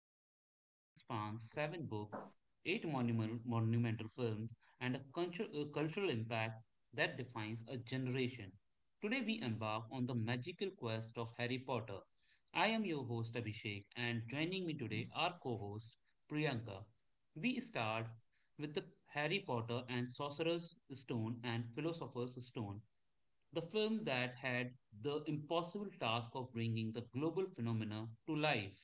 a journey that spans seven books, eight monumental films, and a a cultural impact that defines a generation. Today, we embark on the magical quest of Harry Potter. I am your host, Abhishek, and joining me today are co host Priyanka. We start with the Harry Potter and Sorcerer's Stone and Philosopher's Stone, the film that had the impossible task of bringing the global phenomena to life.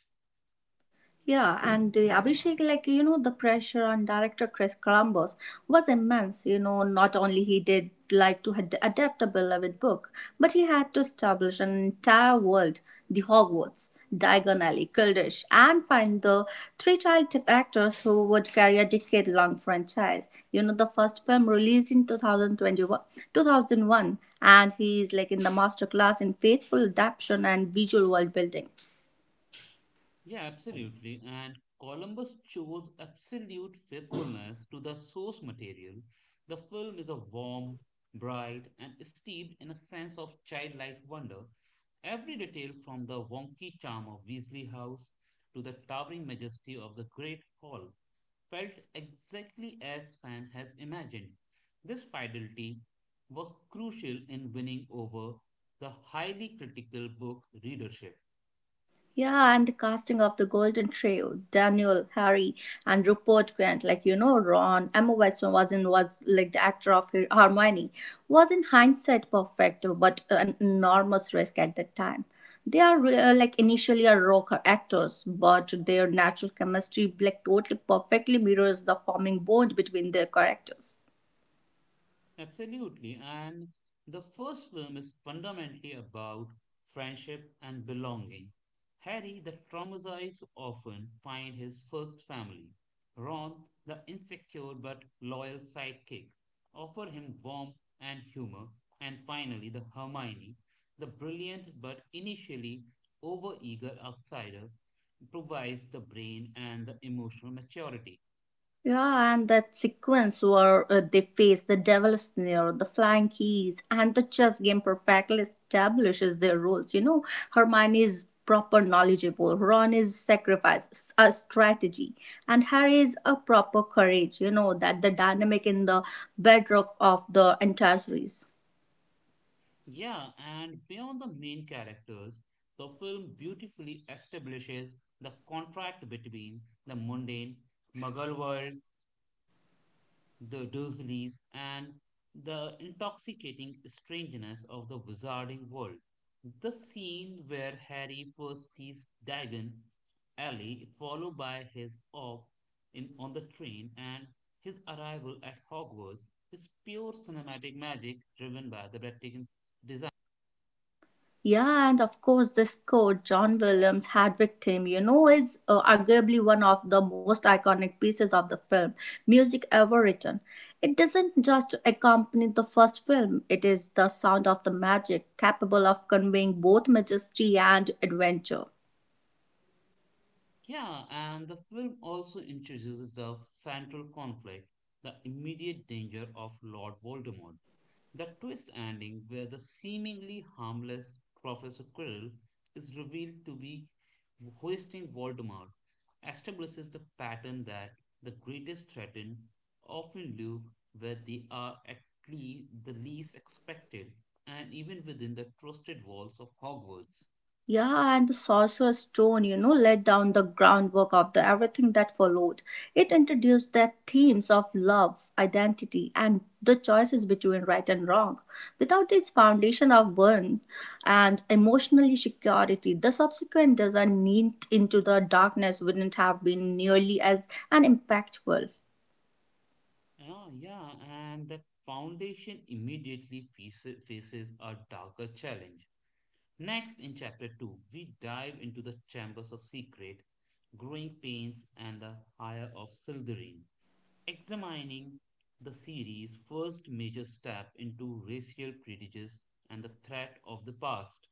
Yeah, and the Abhishek, the pressure on director Chris Columbus was immense. Not only he did like to had adapt a beloved book, but he had to establish an entire world, the Hogwarts, Diagon Alley, Kildish, and find the three actors who would carry a decade-long franchise. The first film released in 2021, 2001, and he is like in the masterclass in faithful adaptation and visual world building. Yeah, absolutely. And Columbus chose absolute faithfulness to the source material. The film is a warm, bright, and steeped in a sense of childlike wonder. Every detail, from the wonky charm of Weasley House to the towering majesty of the Great Hall, felt exactly as fan has imagined. This fidelity was crucial in winning over the highly critical book readership. Yeah, and the casting of the Golden Trio, Daniel, Harry, and Rupert Grant, Ron, Emma Watson was like the actor of Hermione, was in hindsight perfect, but an enormous risk at that time. They are like initially are rock actors, but their natural chemistry like totally perfectly mirrors the forming bond between their characters. Absolutely. And the first film is fundamentally about friendship and belonging. Harry, the traumatized orphan, finds his first family. Ron, the insecure but loyal sidekick, offer him warmth and humor. And finally, the Hermione, the brilliant but initially overeager outsider, provides the brain and the emotional maturity. Yeah, and that sequence where they face the Devil's Snare, the Flying Keys, and the chess game perfectly establishes their roles. Hermione is proper knowledgeable, Ron is sacrifice, a strategy, and Harry is a proper courage. That the dynamic in the bedrock of the entire series. Yeah, and beyond the main characters, the film beautifully establishes the contract between the mundane Mughal world, the Dursleys, and the intoxicating strangeness of the wizarding world. The scene where Harry first sees Dagon Alley, followed by his off in on the train and his arrival at Hogwarts, is pure cinematic magic driven by the breathtaking. Yeah, and of course, this coat, John Williams' Had Victim, is arguably one of the most iconic pieces of the film music ever written. It doesn't just accompany the first film, it is the sound of the magic, capable of conveying both majesty and adventure. Yeah, and the film also introduces the central conflict, the immediate danger of Lord Voldemort. The twist ending, where the seemingly harmless Professor Quirrell is revealed to be hoisting Voldemort, establishes the pattern that the greatest threat often live where they are at least the least expected, and even within the trusted walls of Hogwarts. Yeah, and the Sorcerer's Stone, laid down the groundwork of the everything that followed. It introduced the themes of love, identity, and the choices between right and wrong. Without its foundation of burn and emotional security, the subsequent design into the darkness wouldn't have been nearly as an impactful. Oh, yeah, and that foundation immediately faces a darker challenge. Next, in chapter 2, we dive into the chambers of secret, growing pains, and the hire of Sildarine, examining the series' first major step into racial prejudice and the threat of the past.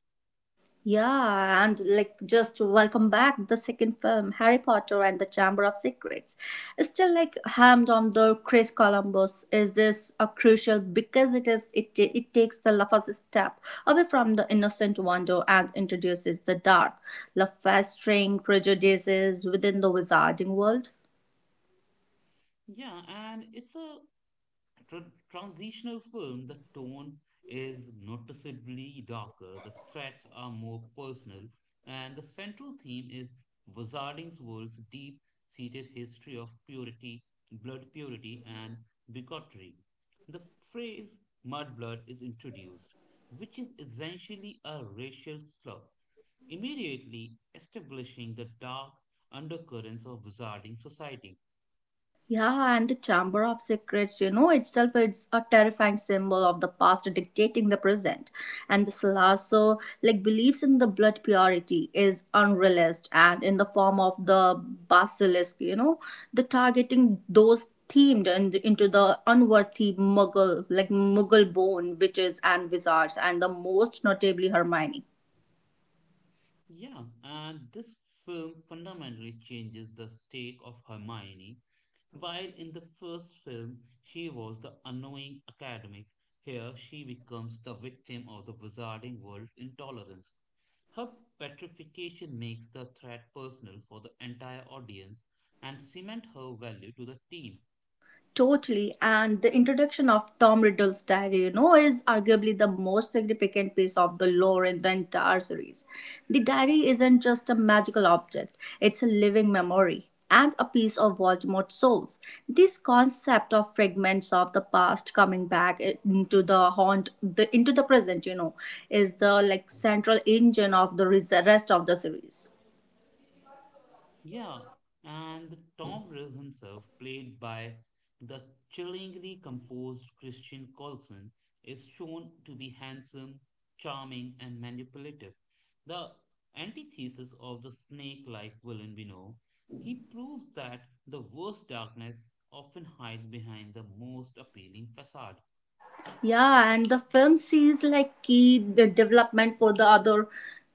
Yeah, and like just to welcome back the second film, Harry Potter and the Chamber of Secrets. Still like hammed on the Chris Columbus. Is this a crucial because it is it ta- it takes the first step away from the innocent wonder and introduces the dark, the festering prejudices within the wizarding world. Yeah, and it's a transitional film. The tone is noticeably darker, the threats are more personal, and the central theme is Wizarding World's deep seated history of purity, blood purity, and bigotry. The phrase mudblood is introduced, which is essentially a racial slur, immediately establishing the dark undercurrents of wizarding society. Yeah, and the Chamber of Secrets, itself it's a terrifying symbol of the past dictating the present. And the Salasso, like believes in the blood purity, is unrealized and in the form of the basilisk, the targeting those into the unworthy Muggle, like Muggle bone witches and wizards, and the most notably Hermione. Yeah, and this film fundamentally changes the stake of Hermione. While in the first film she was the annoying academic, here she becomes the victim of the wizarding world's intolerance. Her petrification makes the threat personal for the entire audience and cement her value to the team. Totally, and the introduction of Tom Riddle's diary, is arguably the most significant piece of the lore in the entire series. The diary isn't just a magical object, it's a living memory and a piece of Voldemort's souls. This concept of fragments of the past coming back into into the present, is the like central engine of the rest of the series. Yeah, and Tom Rill himself, played by the chillingly composed Christian Coulson, is shown to be handsome, charming, and manipulative. The antithesis of the snake-like villain we know, he proves that the worst darkness often hides behind the most appealing facade. Yeah, and the film sees like key the development for the other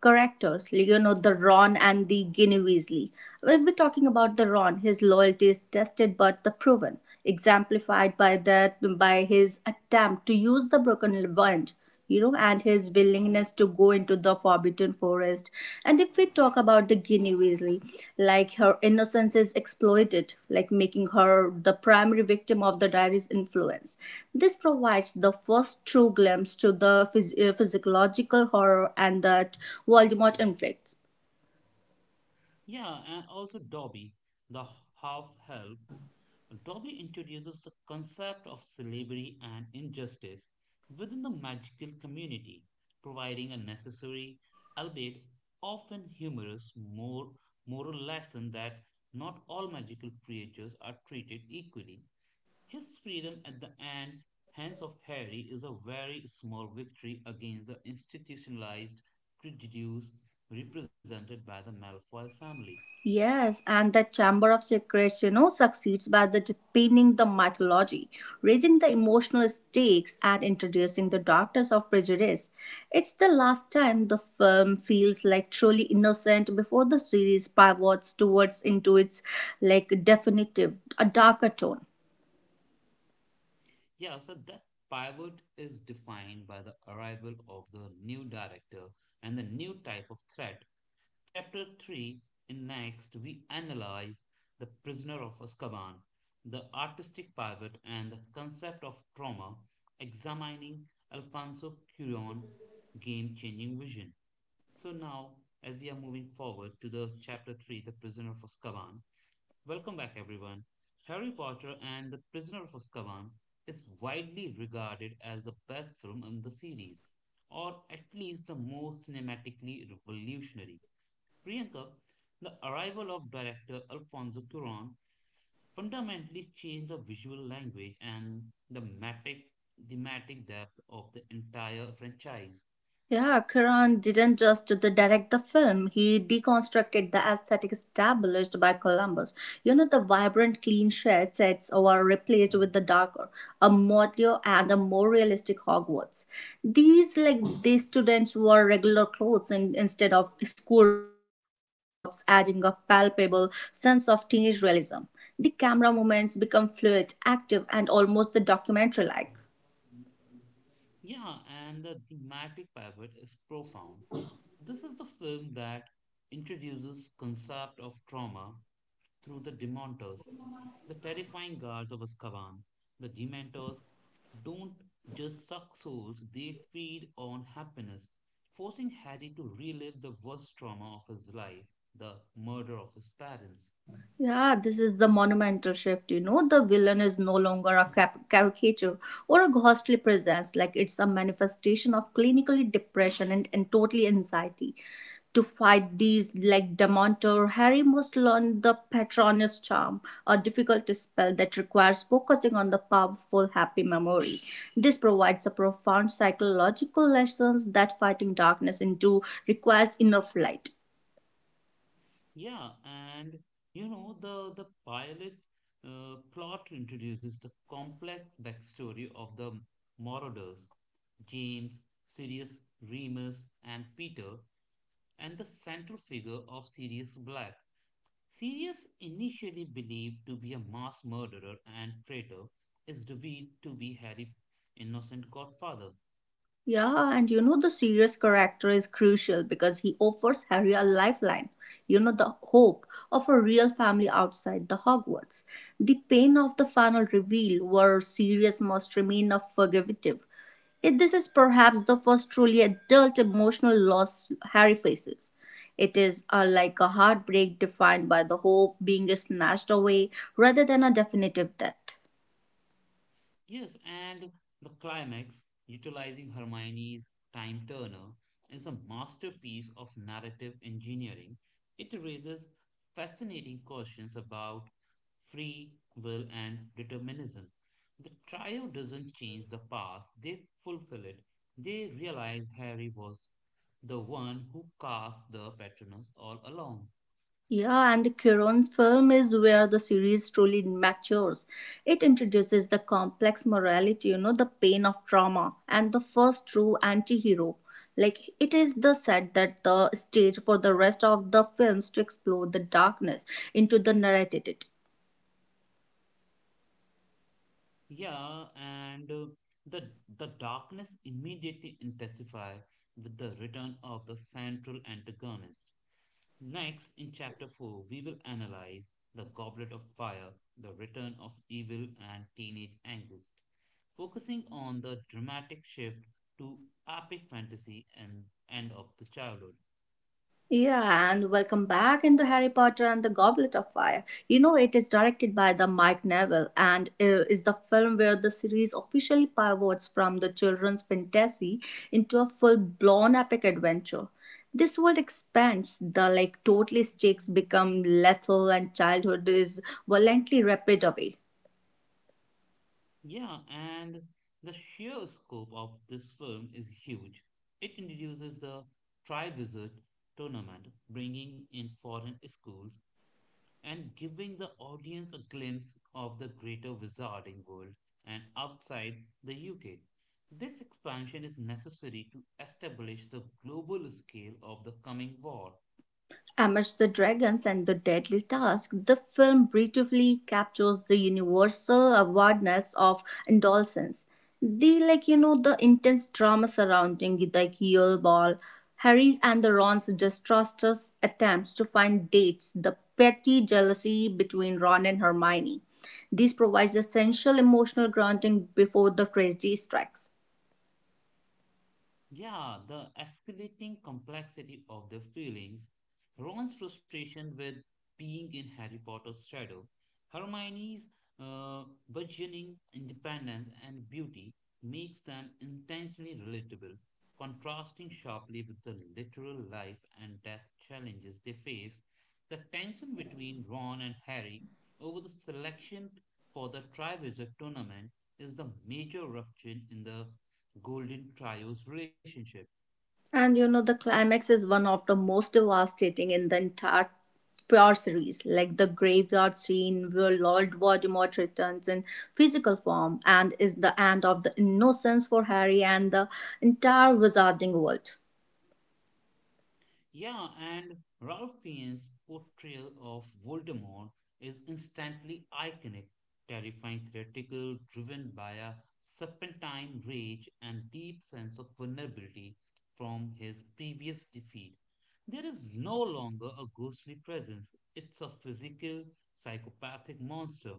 characters, the Ron and the Ginny Weasley. If we're talking about the Ron, his loyalty is tested but the proven, exemplified by that by his attempt to use the broken wand and his willingness to go into the forbidden forest. And if we talk about the Ginny Weasley, like her innocence is exploited, like making her the primary victim of the diary's influence. This provides the first true glimpse to the physiological horror and that Voldemort inflicts. Yeah, and also Dobby, the half-elf, Dobby introduces the concept of slavery and injustice within the magical community, providing a necessary, albeit often humorous, more moral lesson that not all magical creatures are treated equally. His freedom at the end, hands of Harry, is a very small victory against the institutionalized prejudice represented by the Malfoy family. Yes, and that Chamber of Secrets, succeeds by the deepening the mythology, raising the emotional stakes, and introducing the darkness of prejudice. It's the last time the film feels like truly innocent before the series pivots towards into its like definitive, a darker tone. Yeah, so that pivot is defined by the arrival of the new director and the new type of threat. Chapter 3, in next we analyze The Prisoner of Azkaban, the artistic pivot and the concept of trauma, examining Alfonso Cuarón's game-changing vision. So now, as we are moving forward to the chapter 3, The Prisoner of Azkaban. Welcome back, everyone. Harry Potter and the Prisoner of Azkaban is widely regarded as the best film in the series, or at least the most cinematically revolutionary. Priyanka, the arrival of director Alfonso Cuarón fundamentally changed the visual language and the matic, thematic depth of the entire franchise. Yeah, Kiran didn't just the direct the film, he deconstructed the aesthetic established by Columbus. The vibrant, clean shed sets were replaced with the darker, a motley and a more realistic Hogwarts. These, like, these students wore regular clothes instead of school robes, adding a palpable sense of teenage realism. The camera movements become fluid, active, and almost the documentary like. Yeah, and the thematic pivot is profound. This is the film that introduces concept of trauma through the Dementors, the terrifying guards of Azkaban. The Dementors don't just suck souls, they feed on happiness, forcing Harry to relive the worst trauma of his life, the murder of his parents. Yeah, this is the monumental shift. The villain is no longer a caricature or a ghostly presence. Like it's a manifestation of clinically depression and totally anxiety. To fight these, like Dementor, Harry must learn the Patronus charm, a difficult spell that requires focusing on the powerful happy memory. This provides a profound psychological lessons that fighting darkness into requires enough light. Yeah, and you know the pilot plot introduces the complex backstory of the Marauders, James, Sirius, Remus, and Peter, and the central figure of Sirius Black. Sirius, initially believed to be a mass murderer and traitor, is revealed to be Harry, innocent godfather. Yeah, and you know the serious character is crucial because he offers Harry a lifeline. You know the hope of a real family outside the Hogwarts. The pain of the final reveal where Sirius must remain unforgiving, this is perhaps the first truly adult emotional loss Harry faces. It is like a heartbreak defined by the hope being snatched away rather than a definitive death. Yes, and the climax, utilizing Hermione's time turner, is a masterpiece of narrative engineering. It raises fascinating questions about free will and determinism. The trio doesn't change the past, they fulfill it. They realize Harry was the one who cast the patronus all along. Yeah, and Cuaron's film is where the series truly matures. It introduces the complex morality, the pain of trauma, and the first true anti hero. Like, it is the set that the stage for the rest of the films to explore the darkness into the narrated. Yeah, and uh, the the darkness immediately intensifies with the return of the central antagonist. Next, in chapter 4, we will analyze the Goblet of Fire, the return of evil and teenage angst, focusing on the dramatic shift to epic fantasy and end of the childhood. Yeah, and welcome back in the Harry Potter and the Goblet of Fire. It is directed by the Mike Neville and is the film where the series officially pivots from the children's fantasy into a full-blown epic adventure. This world expands, the like totally stakes become lethal and childhood is violently rapid away. Yeah, and the sheer scope of this film is huge. It introduces the Triwizard tournament, bringing in foreign schools and giving the audience a glimpse of the greater wizarding world and outside the UK. This expansion is necessary to establish the global scale of the coming war. Amidst the dragons and the deadly task, the film beautifully captures the universal awareness of adolescence. The the intense drama surrounding the heel ball, Harry's and the Ron's disastrous attempts to find dates, the petty jealousy between Ron and Hermione. This provides essential emotional grounding before the tragedy strikes. Yeah, the escalating complexity of their feelings, Ron's frustration with being in Harry Potter's shadow, Hermione's uh, burgeoning independence and beauty, makes them intentionally relatable, contrasting sharply with the literal life and death challenges they face. The tension between Ron and Harry over the selection for the Triwizard Tournament is the major rupture in the Golden Trio's relationship. And the climax is one of the most devastating in the entire Prior series, like the graveyard scene where Lord Voldemort returns in physical form and is the end of the innocence for Harry and the entire wizarding world. Yeah, and Ralph Fiennes' portrayal of Voldemort is instantly iconic, terrifying, theatrical, driven by a serpentine rage and deep sense of vulnerability from his previous defeat. There is no longer a ghostly presence. It's a physical, psychopathic monster.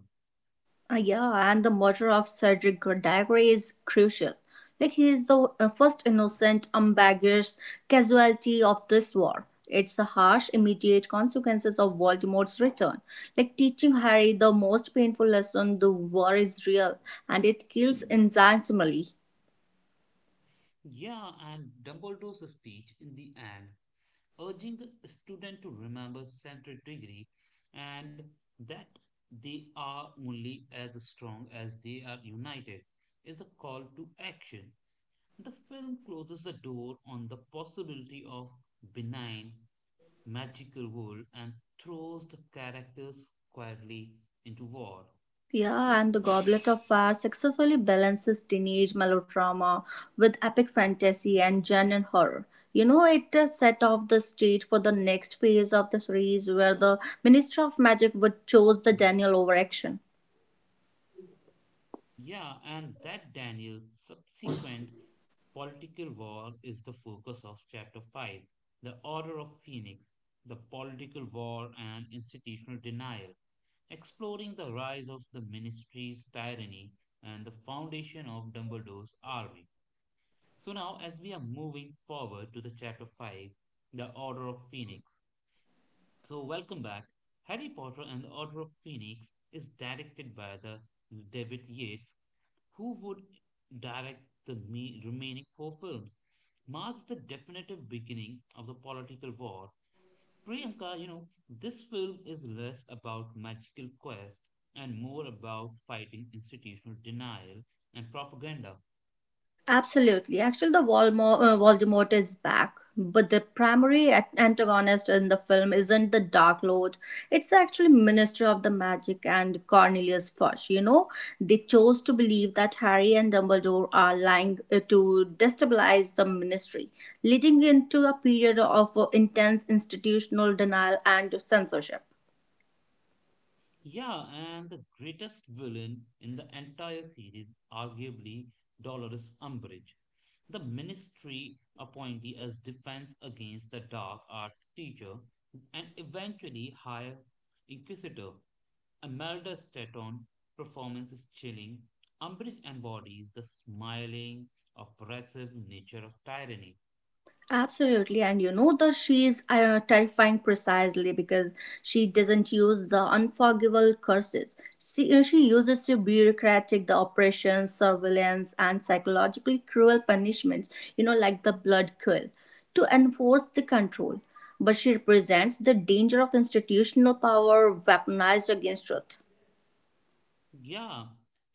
Yeah, and the murder of Cedric Diggory is crucial. Like, he is the first innocent, unbaggaged casualty of this war. It's the harsh, immediate consequences of Voldemort's return. Like, teaching Harry the most painful lesson the war is real and it kills insanely. Yeah, and Dumbledore's speech in the end, urging the student to remember central degree and that they are only as strong as they are united, is a call to action. The film closes the door on the possibility of benign magical world and throws the characters squarely into war. Yeah, and The Goblet of Fire successfully balances teenage melodrama with epic fantasy and genuine horror. It set off the stage for the next phase of the series where the Minister of Magic would choose the Daniel over action. Yeah, and that Daniel's subsequent political war is the focus of Chapter 5, The Order of Phoenix, the political war and institutional denial, exploring the rise of the ministry's tyranny and the foundation of Dumbledore's army. So now, as we are moving forward to the Chapter 5, The Order of Phoenix. So, welcome back. Harry Potter and the Order of Phoenix is directed by the David Yates, who would direct the remaining four films, marks the definitive beginning of the political war. Priyanka, you know, this film is less about magical quest and more about fighting institutional denial and propaganda. Absolutely. Actually, the Voldemort is back, but the primary antagonist in the film isn't the Dark Lord. It's actually Minister of the Magic and Cornelius Fudge. They chose to believe that Harry and Dumbledore are lying to destabilize the Ministry, leading into a period of intense institutional denial and censorship. Yeah, and the greatest villain in the entire series, arguably Dolores Umbridge, the ministry appointee as defense against the dark arts teacher and eventually high inquisitor. Imelda Staunton performance is chilling. Umbridge embodies the smiling, oppressive nature of tyranny. Absolutely, and you know that she is terrifying precisely because she doesn't use the unforgivable curses. She uses the bureaucratic, the oppression, surveillance, and psychologically cruel punishments, like the blood curl, to enforce the control. But she represents the danger of institutional power weaponized against truth. Yeah.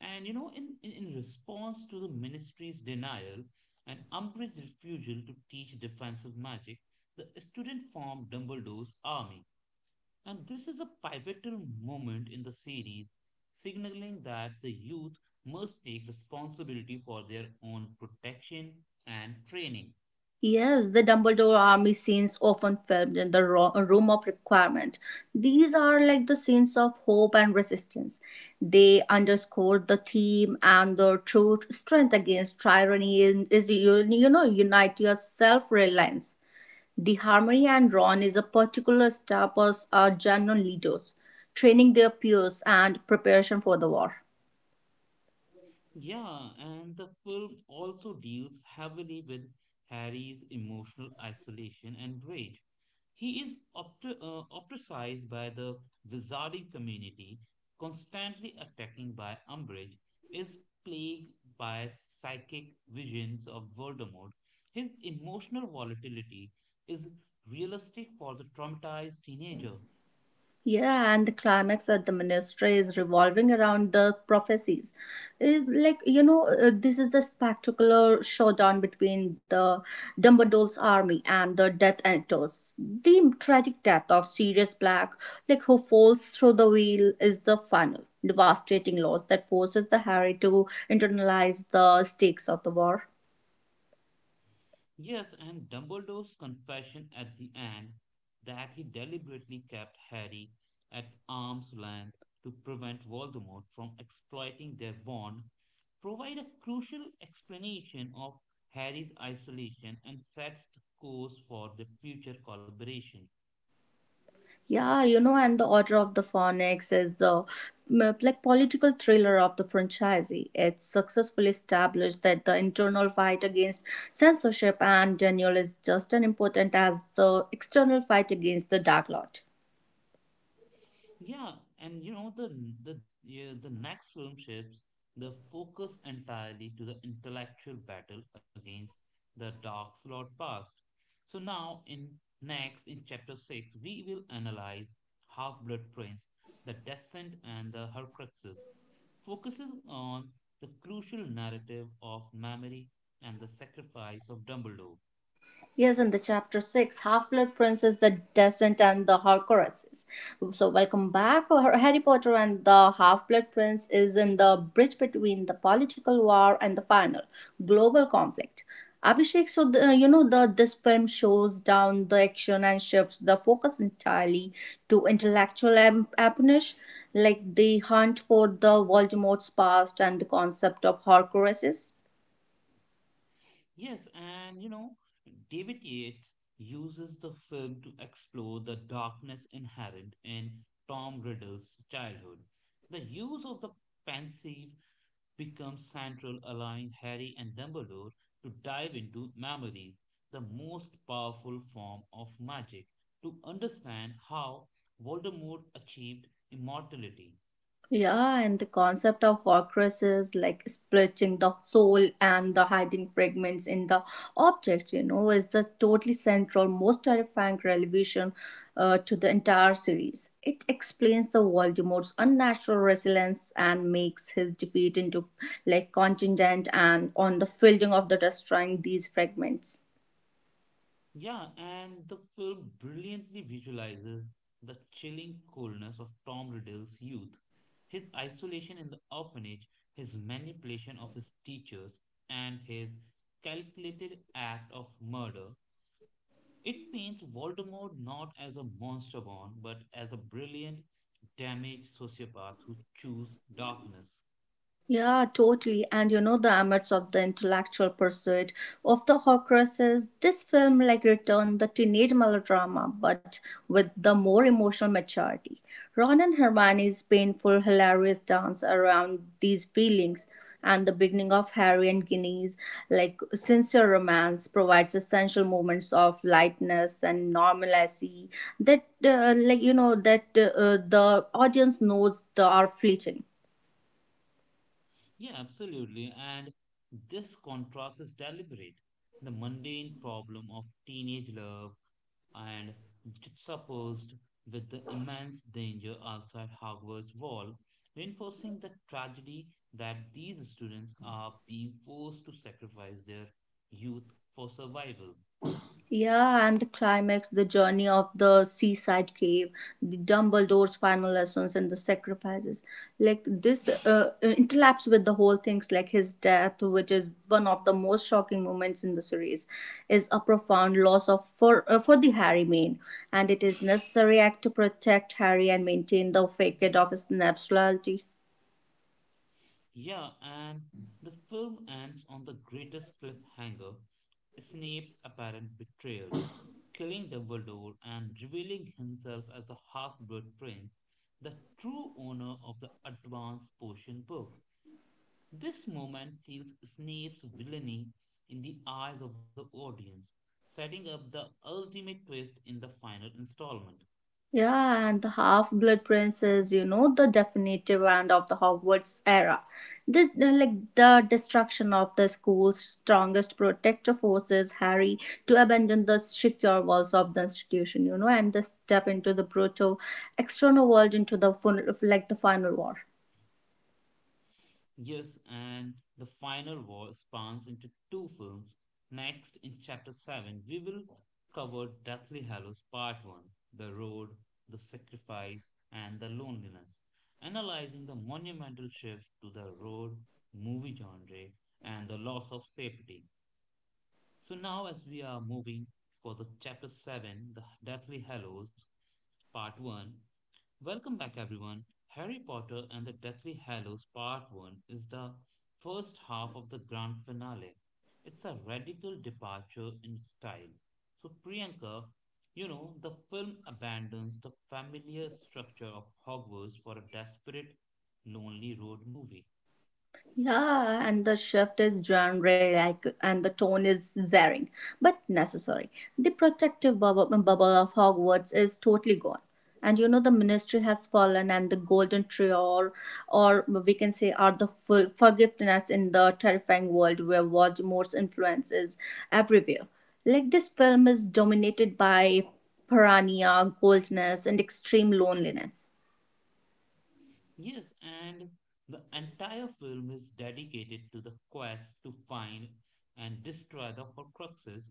And you know, in response to the ministry's denial and Umbridge's refusal to teach defensive magic, the student formed Dumbledore's army. And this is a pivotal moment in the series, signaling that the youth must take responsibility for their own protection and training. Yes, the Dumbledore army scenes often filmed in the room of requirement. These are like the scenes of hope and resistance. They underscore the theme and the truth, strength against tyranny and is you you know unite your self-reliance. The Harmony and Ron is a particular step as genuine leaders, training their peers and preparation for the war. Yeah, and the film also deals heavily with Harry's emotional isolation and rage. He is ostracized by the wizarding community, constantly attacked by Umbridge, is plagued by psychic visions of Voldemort. His emotional volatility is realistic for the traumatized teenager. Yeah, and the climax at the ministry is revolving around the prophecies. Is this is the spectacular showdown between the Dumbledore's army and the Death Eaters. The tragic death of Sirius Black, like who falls through the wheel, is the final devastating loss that forces the Harry to internalize the stakes of the war. Yes, and Dumbledore's confession at the end, that he deliberately kept Harry at arm's length to prevent Voldemort from exploiting their bond, provide a crucial explanation of Harry's isolation and sets the course for the future collaboration. Yeah, and the Order of the Phoenix is the like political thriller of the franchise. It successfully established that the internal fight against censorship and Daniel is just as important as the external fight against the Dark Lord. Yeah, and you know, the next film shifts the focus entirely to the intellectual battle against the Dark Lord past. So now, in next in chapter six, we will analyze Half-Blood Prince, the Descent and the Horcruxes, focuses on the crucial narrative of memory and the sacrifice of Dumbledore. Yes, in the chapter six, Half Blood Princess, The Descent, and the Horcruxes. So, welcome back. Harry Potter and the Half Blood Prince is in the bridge between the political war and the final global conflict. Abhishek, so the, you know the this film shows down the action and shifts the focus entirely to intellectual espionage, like the hunt for the Voldemort's past and the concept of Horcruxes. Yes, and you know, David Yates uses the film to explore the darkness inherent in Tom Riddle's childhood. The use of the pensive becomes central, allowing Harry and Dumbledore to dive into memories, the most powerful form of magic, to understand how Voldemort achieved immortality. Yeah, and the concept of Orcrus is like splitting the soul and the hiding fragments in the object, is the totally central, most terrifying revelation to the entire series. It explains the Voldemort's unnatural resilience and makes his defeat into like contingent and on the fielding of the destroying these fragments. Yeah, and the film brilliantly visualizes the chilling coldness of Tom Riddle's youth, his isolation in the orphanage, his manipulation of his teachers, and his calculated act of murder. It paints Voldemort not as a monster born, but as a brilliant, damaged sociopath who chooses darkness. Yeah, totally. And you know, the amidst of the intellectual pursuit of the Horcruxes, this film returned the teenage melodrama, but with the more emotional maturity. Ron and Hermione's painful, hilarious dance around these feelings and the beginning of Harry and Ginny's sincere romance provides essential moments of lightness and normalcy that the audience knows they are fleeting. Yeah, absolutely. And this contrast is deliberate. The mundane problem of teenage love and juxtaposed with the immense danger outside Hogwarts wall, reinforcing the tragedy that these students are being forced to sacrifice their youth for survival. Yeah, and the climax, the journey of the seaside cave, the Dumbledore's final lessons, and the sacrifices. Like this Interlaps with the whole things, like his death, which is one of the most shocking moments in the series, is a profound loss of for the Harry main, and it is necessary act to protect Harry and maintain the facade of his nationality. Yeah, and the film ends on the greatest cliffhanger, Snape's apparent betrayal, killing Dumbledore and revealing himself as a half blood prince, the true owner of the Advanced Potion Book. This moment seals Snape's villainy in the eyes of the audience, setting up the ultimate twist in the final installment. Yeah, and the Half-Blood Prince is, you know, the definitive end of the Hogwarts era. The destruction of the school's strongest protector forces Harry to abandon the secure walls of the institution, you know, and the step into the brutal external world into the the final war. Yes, and the final war spans into two films. Next, in Chapter 7, we will cover Deathly Hallows Part 1, The Road, the Sacrifice, and the Loneliness, analyzing the monumental shift to the road movie genre and the loss of safety. So now, as we are moving for the Chapter 7, The Deathly Hallows Part 1, welcome back, everyone. Harry Potter and the Deathly Hallows Part 1 is the first half of the grand finale. It's a radical departure in style. So, Priyanka, you know, the film abandons the familiar structure of Hogwarts for a desperate, lonely road movie. Yeah, and the shift is genre like, and the tone is zaring, but necessary. The protective bubble of Hogwarts is totally gone. And you know, the ministry has fallen, and the golden tree, or we can say, are the full forgiveness in the terrifying world where Voldemort's influence is everywhere. Like, this film is dominated by paranoia, coldness, and extreme loneliness. Yes, and the entire film is dedicated to the quest to find and destroy the Horcruxes,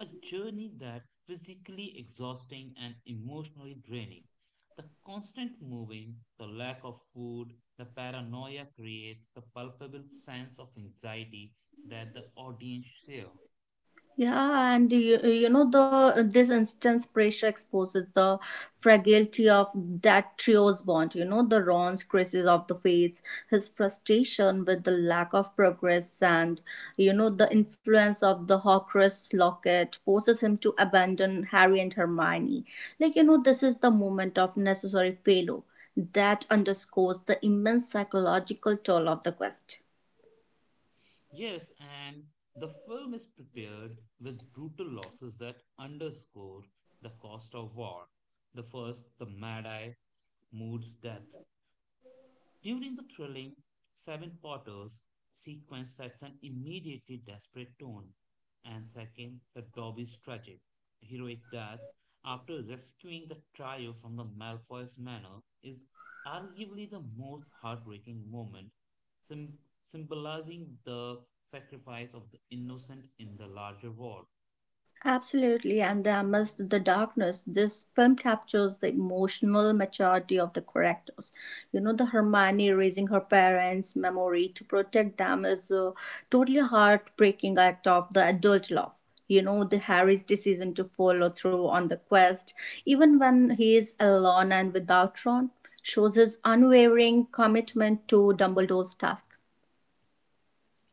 a journey that physically exhausting and emotionally draining. The constant moving, the lack of food, the paranoia creates the palpable sense of anxiety that the audience share. Yeah, and you know the this instance pressure exposes the fragility of that trio's bond. You know the Ron's crisis of the fates, his frustration with the lack of progress, and you know the influence of the Horcrux locket forces him to abandon Harry and Hermione. Like you know, this is the moment of necessary failure that underscores the immense psychological toll of the quest. Yes, and the film is prepared with brutal losses that underscore the cost of war. The first, the Mad Eye, Mood's death, during the thrilling Seven Potters sequence sets an immediately desperate tone, and second, the Dobby's tragic, heroic death after rescuing the trio from the Malfoys' manor is arguably the most heartbreaking moment, sim symbolizing the sacrifice of the innocent in the larger war. Absolutely, and amidst the darkness, this film captures the emotional maturity of the characters. You know, the Hermione raising her parents' memory to protect them is a totally heartbreaking act of the adult love. You know, the Harry's decision to follow through on the quest, even when he is alone and without Ron, shows his unwavering commitment to Dumbledore's task.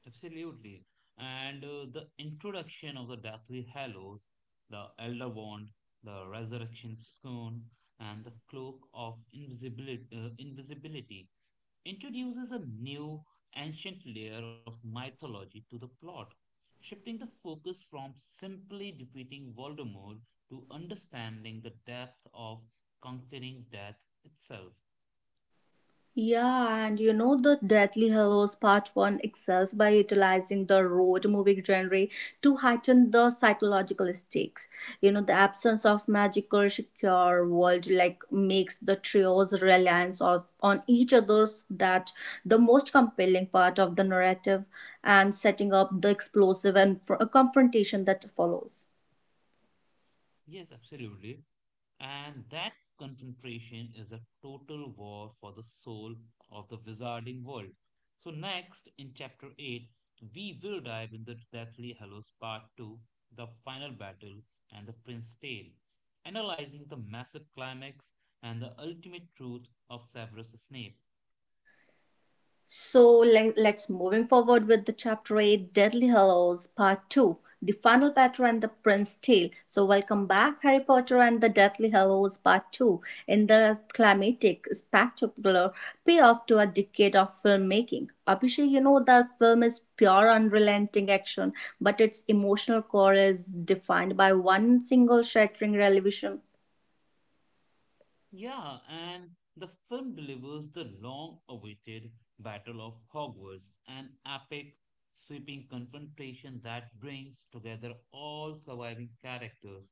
Absolutely. And the introduction of the Deathly Hallows, the Elder Wand, the Resurrection Scone, and the Cloak of Invisibility, Invisibility, introduces a new ancient layer of mythology to the plot, shifting the focus from simply defeating Voldemort to understanding the depth of conquering death itself. Yeah, and you know, the Deathly Hallows Part 1 excels by utilizing the road movie genre to heighten the psychological stakes. You know, the absence of magical secure world like makes the trio's reliance on each other's that the most compelling part of the narrative and setting up the explosive and confrontation that follows. Yes, absolutely. And that concentration is a total war for the soul of the wizarding world. So, next in chapter 8, we will dive into Deathly Hallows Part 2, the final battle, and the Prince Tale, analyzing the massive climax and the ultimate truth of Severus Snape. So let us moving forward with the chapter 8 Deadly Hallows part 2, The Final Battle and the Prince's Tale. So welcome back. Harry Potter and the Deathly Hallows part 2 in the climatic spectacular payoff to a decade of filmmaking. Abhishek, you know that film is pure unrelenting action, but its emotional core is defined by one single shattering revelation. Yeah, and the film delivers the long awaited Battle of Hogwarts, an epic, sweeping confrontation that brings together all surviving characters,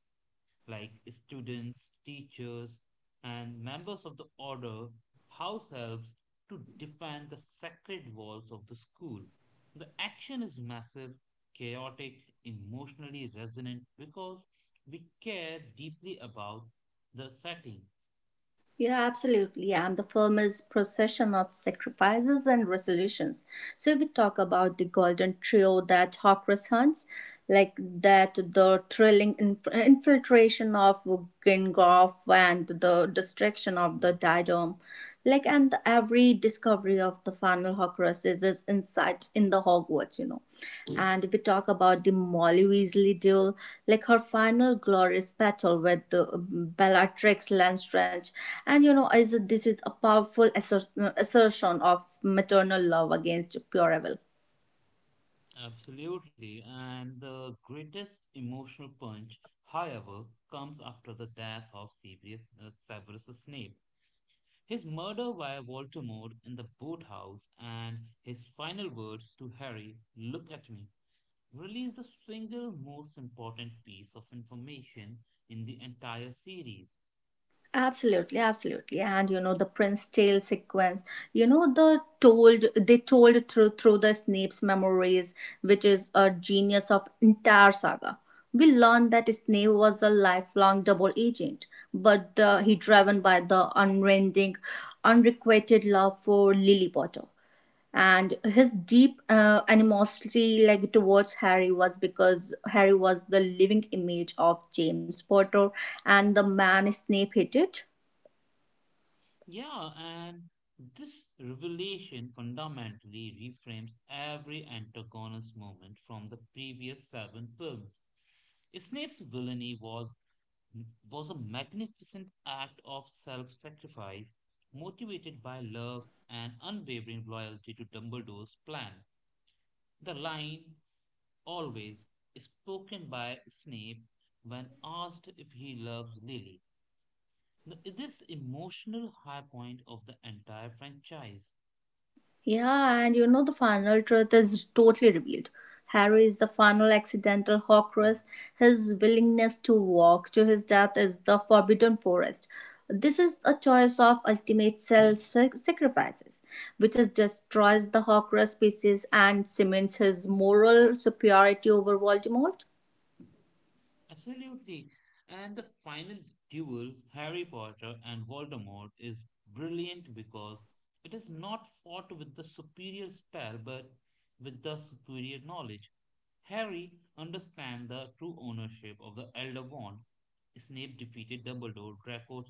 like students, teachers, and members of the Order, house elves, to defend the sacred walls of the school. The action is massive, chaotic, emotionally resonant because we care deeply about the setting. Yeah, absolutely. And the film is procession of sacrifices and resolutions. So if we talk about the golden trio that Hawkers hunts, like that the thrilling infiltration of Gingolf and the destruction of the diadem, like, and every discovery of the final Horcruxes is insight in the Hogwarts, you know. Mm. And if we talk about the Molly Weasley duel, like her final glorious battle with the Bellatrix Lestrange, and you know, is this is a powerful assertion of maternal love against pure evil. Absolutely. And the greatest emotional punch, however, comes after the death of Severus Snape. His murder by Voldemort in the boathouse and his final words to Harry, "look at me," release the single most important piece of information in the entire series. Absolutely, absolutely. And you know, the Prince Tale sequence, you know, the told they told through the Snape's memories, which is a genius of entire saga. We learned that Snape was a lifelong double agent, but the, he driven by the unending, unrequited love for Lily Potter and his deep animosity like towards Harry was because Harry was the living image of James Potter and the man Snape hated. Yeah, and this revelation fundamentally reframes every antagonist moment from the previous seven films. Snape's villainy was a magnificent act of self-sacrifice, motivated by love and unwavering loyalty to Dumbledore's plan. The line, "always," is spoken by Snape when asked if he loves Lily. This emotional high point of the entire franchise. Yeah, and you know the final truth is totally revealed. Harry is the final accidental Horcrux. His willingness to walk to his death is the Forbidden Forest. This is a choice of ultimate self sacrifices, which is destroys the Horcrux species and cements his moral superiority over Voldemort. Absolutely. And the final duel, Harry Potter and Voldemort, is brilliant because it is not fought with the superior spell but with the superior knowledge. Harry understands the true ownership of the Elder Wand. Snape defeated Dumbledore, Draco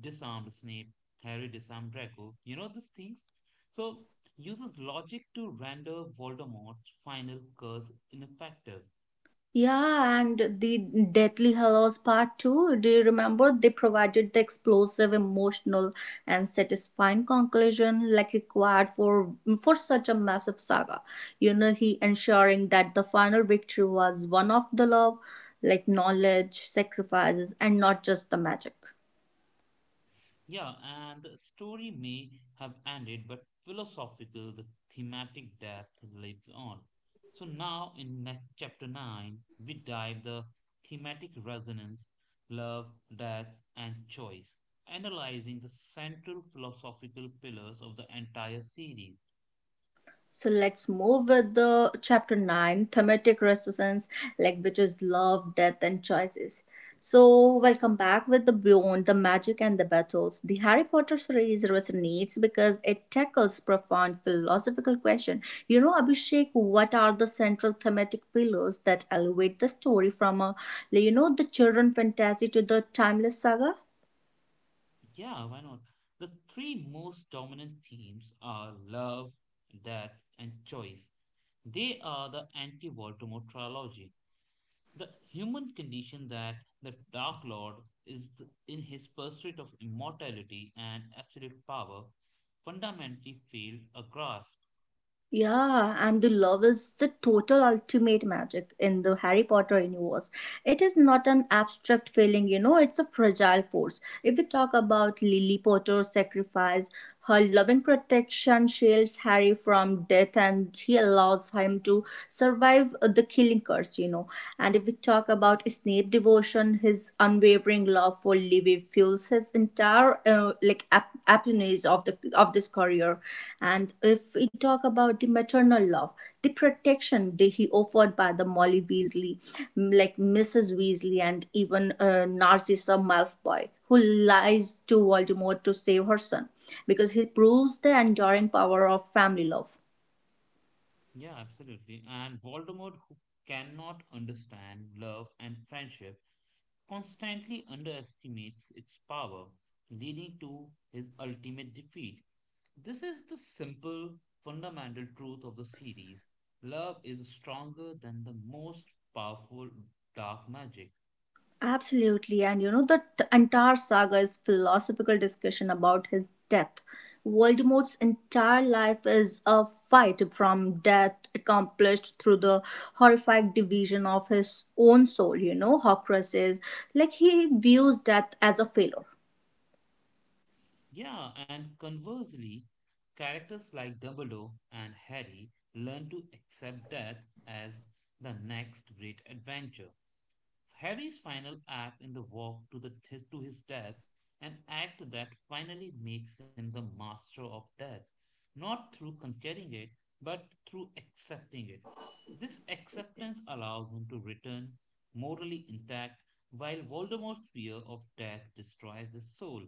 disarmed Snape, Harry disarmed Draco. You know these things? So uses logic to render Voldemort's final curse ineffective. Yeah, and the Deathly Hallows Part 2, do you remember? They provided the explosive, emotional, and satisfying conclusion like required for such a massive saga. You know, he ensuring that the final victory was one of the love, like knowledge, sacrifices, and not just the magic. Yeah, and the story may have ended, but philosophical, the thematic depth lives on. So now in chapter 9, we dive the thematic resonance, love, death, and choice, analyzing the central philosophical pillars of the entire series. So let's move with the chapter 9 thematic resistance, like which is love, death, and choices. So, welcome back with the Beyond, the Magic, and the Battles. The Harry Potter series resonates because it tackles profound philosophical questions. You know, Abhishek, what are the central thematic pillars that elevate the story from a, like, you know, the children fantasy to the timeless saga? Yeah, why not? The three most dominant themes are love, death, and choice. They are the anti-Voldemort trilogy, the human condition that the Dark Lord is in his pursuit of immortality and absolute power fundamentally failed a grasp. Yeah, and the love is the total ultimate magic in the Harry Potter universe. It is not an abstract feeling, you know, it's a fragile force. If we talk about Lily Potter's sacrifice, her loving protection shields Harry from death and he allows him to survive the killing curse, you know. And if we talk about Snape devotion, his unwavering love for Livy fuels his entire appanage of the of this career. And if we talk about the maternal love, the protection that he offered by the Molly Weasley, mm, like Mrs. Weasley, and even Narcissa Malfoy, who lies to Voldemort to save her son, because he proves the enduring power of family love. Yeah, absolutely. And Voldemort, who cannot understand love and friendship, constantly underestimates its power, leading to his ultimate defeat. This is the simple, fundamental truth of the series. Love is stronger than the most powerful dark magic. Absolutely. And you know, the entire saga is philosophical discussion about his death. Voldemort's entire life is a fight from death accomplished through the horrific division of his own soul. You know, Horcrux is like he views death as a failure. Yeah, and conversely, characters like Dumbledore and Harry learn to accept death as the next great adventure. Harry's final act in the walk to his death, an act that finally makes him the master of death, not through conquering it, but through accepting it. This acceptance allows him to return morally intact, while Voldemort's fear of death destroys his soul.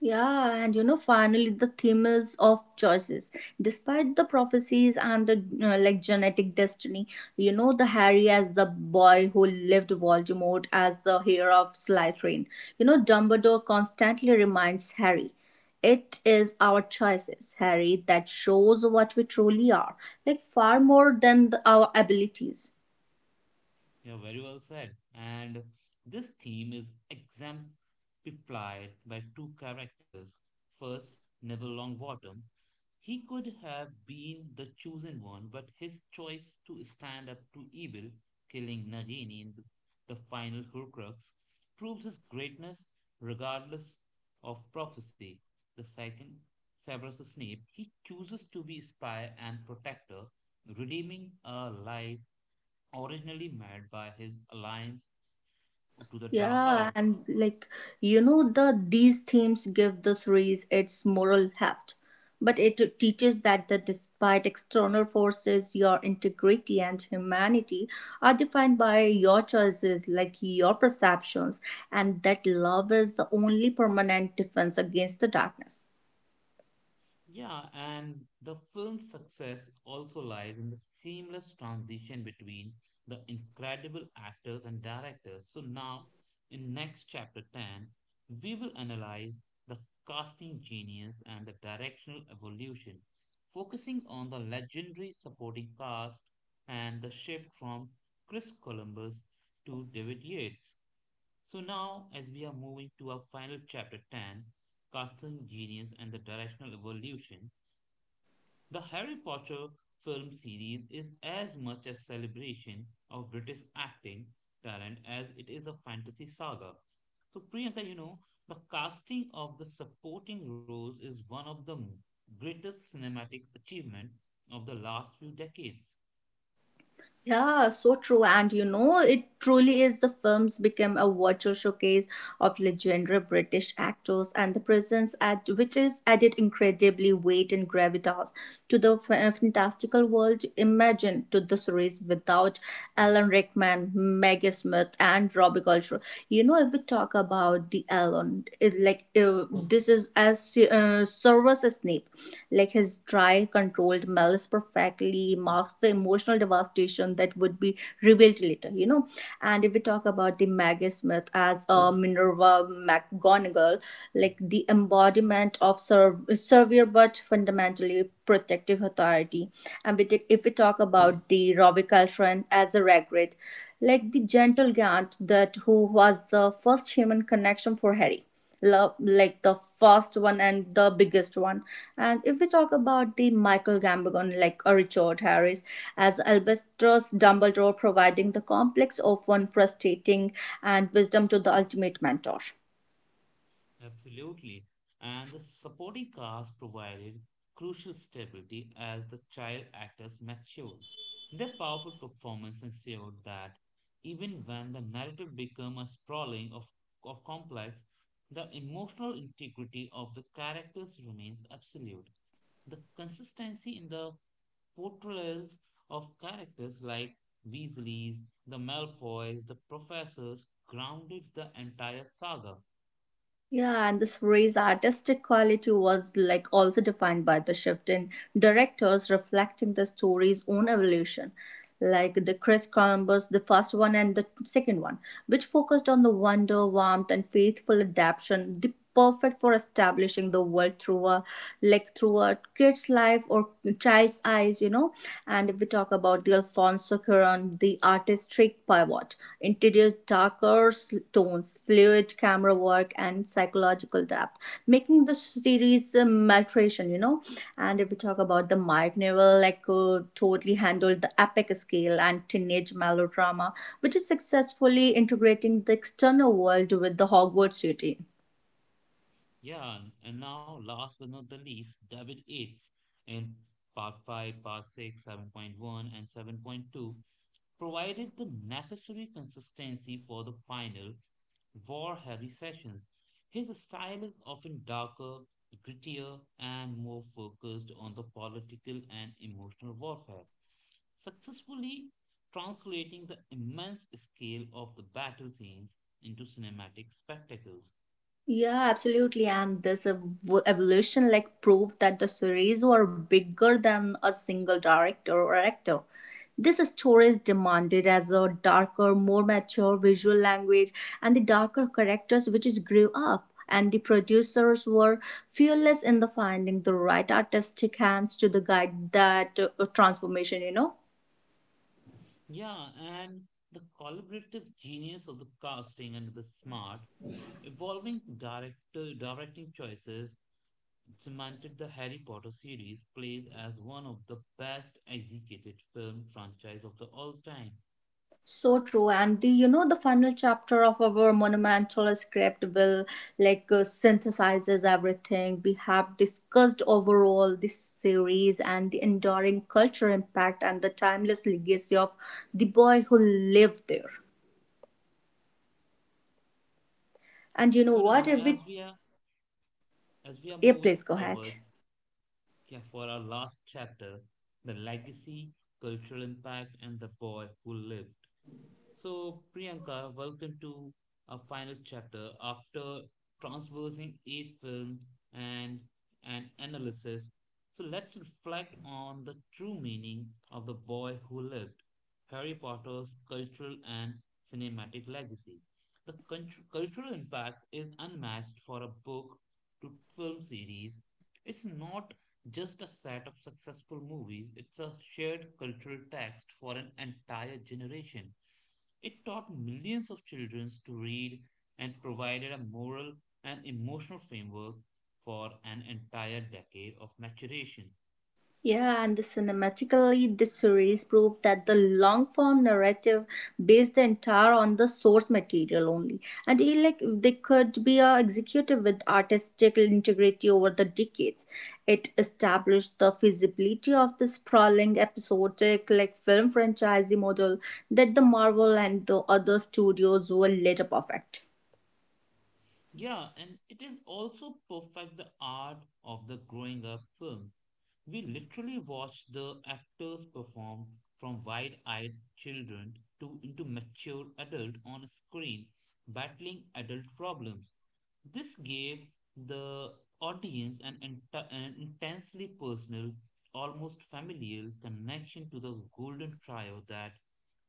Yeah, and you know, finally, the theme is of choices. Despite the prophecies and the genetic destiny, you know, the Harry as the boy who lived, Voldemort as the heir of Slytherin. You know, Dumbledore constantly reminds Harry, "It is our choices, Harry, that shows what we truly are, like far more than our abilities." Yeah, very well said. And this theme is exemplified by two characters. First, Neville Longbottom. He could have been the chosen one, but his choice to stand up to evil, killing Nagini in the final Horcrux, proves his greatness regardless of prophecy. The second, Severus Snape. He chooses to be spy and protector, redeeming a life originally made by his alliance to the dark Yeah, arts. and like you know, these themes give the series its moral heft, but it teaches that despite external forces, your integrity and humanity are defined by your choices, like your perceptions, and that love is the only permanent defense against the darkness. Yeah, and the film's success also lies in the seamless transition between the incredible actors and directors. So now, in next chapter 10, we will analyze the casting genius and the directional evolution, focusing on the legendary supporting cast and the shift from Chris Columbus to David Yates. So now, as we are moving to our final chapter 10, Casting Genius and the Directional Evolution, the Harry Potter film series is as much a celebration of British acting talent as it is a fantasy saga. So, Priyanka, you know, the casting of the supporting roles is one of the greatest cinematic achievement of the last few decades. Yeah, so true. And you know, it truly is the films became a virtual showcase of legendary British actors and the presence at which is added incredibly weight and gravitas to the fantastical world imagined to the series without Alan Rickman, Maggie Smith, and Robbie Coltrane. You know, if we talk about the Alan, it, this is as Severus Snape, like his dry, controlled malice perfectly marks the emotional devastation that would be revealed later. You know, and if we talk about the Maggie Smith as Minerva McGonagall, like the embodiment of severe but fundamentally protective authority, and we take, if we talk about the Robbie Coltrane as a Ragrid, like the gentle giant that who was the first human connection for Harry love like the first one and the biggest one. And if we talk about the Michael Gambon like a Richard Harris as Albustus Dumbledore providing the complex of one frustrating and wisdom to the ultimate mentor. Absolutely. And the supporting cast provided crucial stability as the child actors matured. Their powerful performance ensured that even when the narrative became a sprawling of complex, the emotional integrity of the characters remains absolute. The consistency in the portrayals of characters like Weasleys, the Malfoys, the Professors grounded the entire saga. Yeah, and this Ray's artistic quality was like also defined by the shift in directors reflecting the story's own evolution, like the Chris Columbus, the first one and the second one, which focused on the wonder, warmth, and faithful adaptation the perfect for establishing the world through a kid's life or child's eyes, you know. And if we talk about the Alfonso Cuaron, the artistic pivot introduced darker tones, fluid camera work and psychological depth, making the series a maltration, you know. And if we talk about the Mike Neville, like totally handled the epic scale and teenage melodrama, which is successfully integrating the external world with the Hogwarts routine. Yeah, and now last but not the least, David Yates in Part 5, Part 6, 7.1, and 7.2 provided the necessary consistency for the final war-heavy sessions. His style is often darker, grittier, and more focused on the political and emotional warfare, successfully translating the immense scale of the battle scenes into cinematic spectacles. Yeah, absolutely. And this evolution like proved that the series were bigger than a single director or actor. This story is demanded as a darker, more mature visual language and the darker characters which is grew up. And the producers were fearless in the finding the right artistic hands to the guide that transformation, you know. Yeah, and the collaborative genius of the casting and the smart, evolving director directing choices cemented the Harry Potter series plays as one of the best executed film franchise of the all time. So true, and the, you know the final chapter of our monumental script will synthesizes everything we have discussed overall this series and the enduring cultural impact and the timeless legacy of the boy who lived there. And you know So what? now, Every as we are yeah, moving please go ahead. forward, yeah, for our last chapter, the legacy, cultural impact, and the boy who lived. So, Priyanka, welcome to our final chapter. After transversing eight films and an analysis, so let's reflect on the true meaning of The Boy Who Lived, Harry Potter's cultural and cinematic legacy. The cultural impact is unmatched for a book to film series. It's not just a set of successful movies, it's a shared cultural text for an entire generation. It taught millions of children to read and provided a moral and emotional framework for an entire decade of maturation. Yeah, and the cinematically, this series proved that the long form narrative based the entire on the source material only, and they like they could be executed with artistic integrity over the decades. It established the feasibility of the sprawling episodic like film franchise model that the Marvel and the other studios were later perfect. Yeah, and it is also perfect the art of the growing up films. We literally watch the actors perform from wide-eyed children to into mature adult on screen, battling adult problems. This gave the audience an intensely personal, almost familial connection to the golden trio that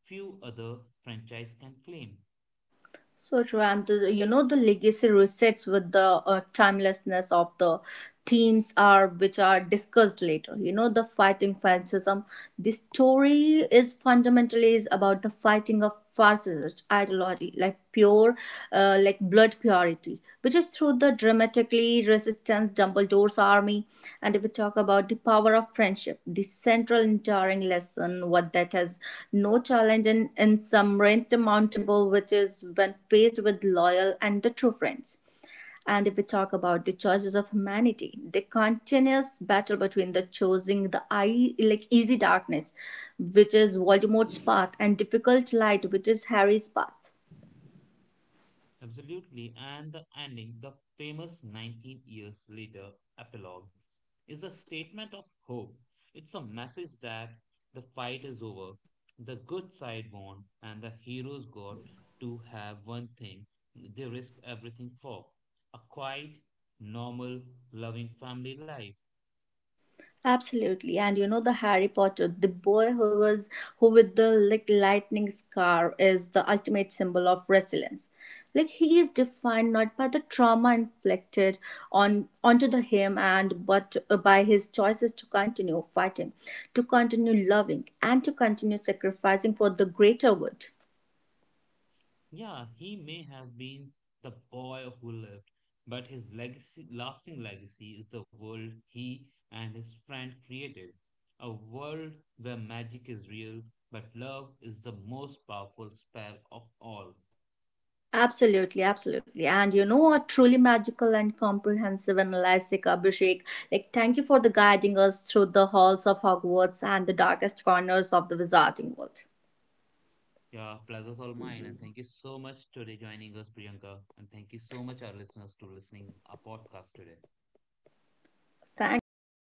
few other franchise can claim. So true, and the, you know the legacy resets with the timelessness of the themes are which are discussed later. You know the fighting fascism. The story is fundamentally is about the fighting of fascist ideology, like pure, blood purity, which is through the dramatically resistance Dumbledore's army. And if we talk about the power of friendship, the central enduring lesson, what that has no challenge in some insurmountable, which is when faced with loyal and the true friends. And if we talk about the choices of humanity, the continuous battle between the choosing the eye like easy darkness, which is Voldemort's path, and difficult light, which is Harry's path. Absolutely. And the ending, the famous 19 years later epilogue, is a statement of hope. It's a message that the fight is over, the good side won, and the heroes got to have one thing they risk everything for, a quiet, normal, loving family life. Absolutely, and you know the Harry Potter, the boy who was who with the like lightning scar is the ultimate symbol of resilience. Like he is defined not by the trauma inflicted on onto the him and but by his choices to continue fighting, to continue loving, and to continue sacrificing for the greater good. Yeah, he may have been the boy who lived, but his legacy, lasting legacy is the world he and his friend created. A world where magic is real, but love is the most powerful spell of all. Absolutely, absolutely. And you know what? Truly magical and comprehensive analysis, Abhishek. Like, thank you for the guiding us through the halls of Hogwarts and the darkest corners of the wizarding world. Yeah, pleasure's all mine. And thank you so much today joining us, Priyanka. And thank you so much, our listeners, to listening our podcast today. Thank you so much.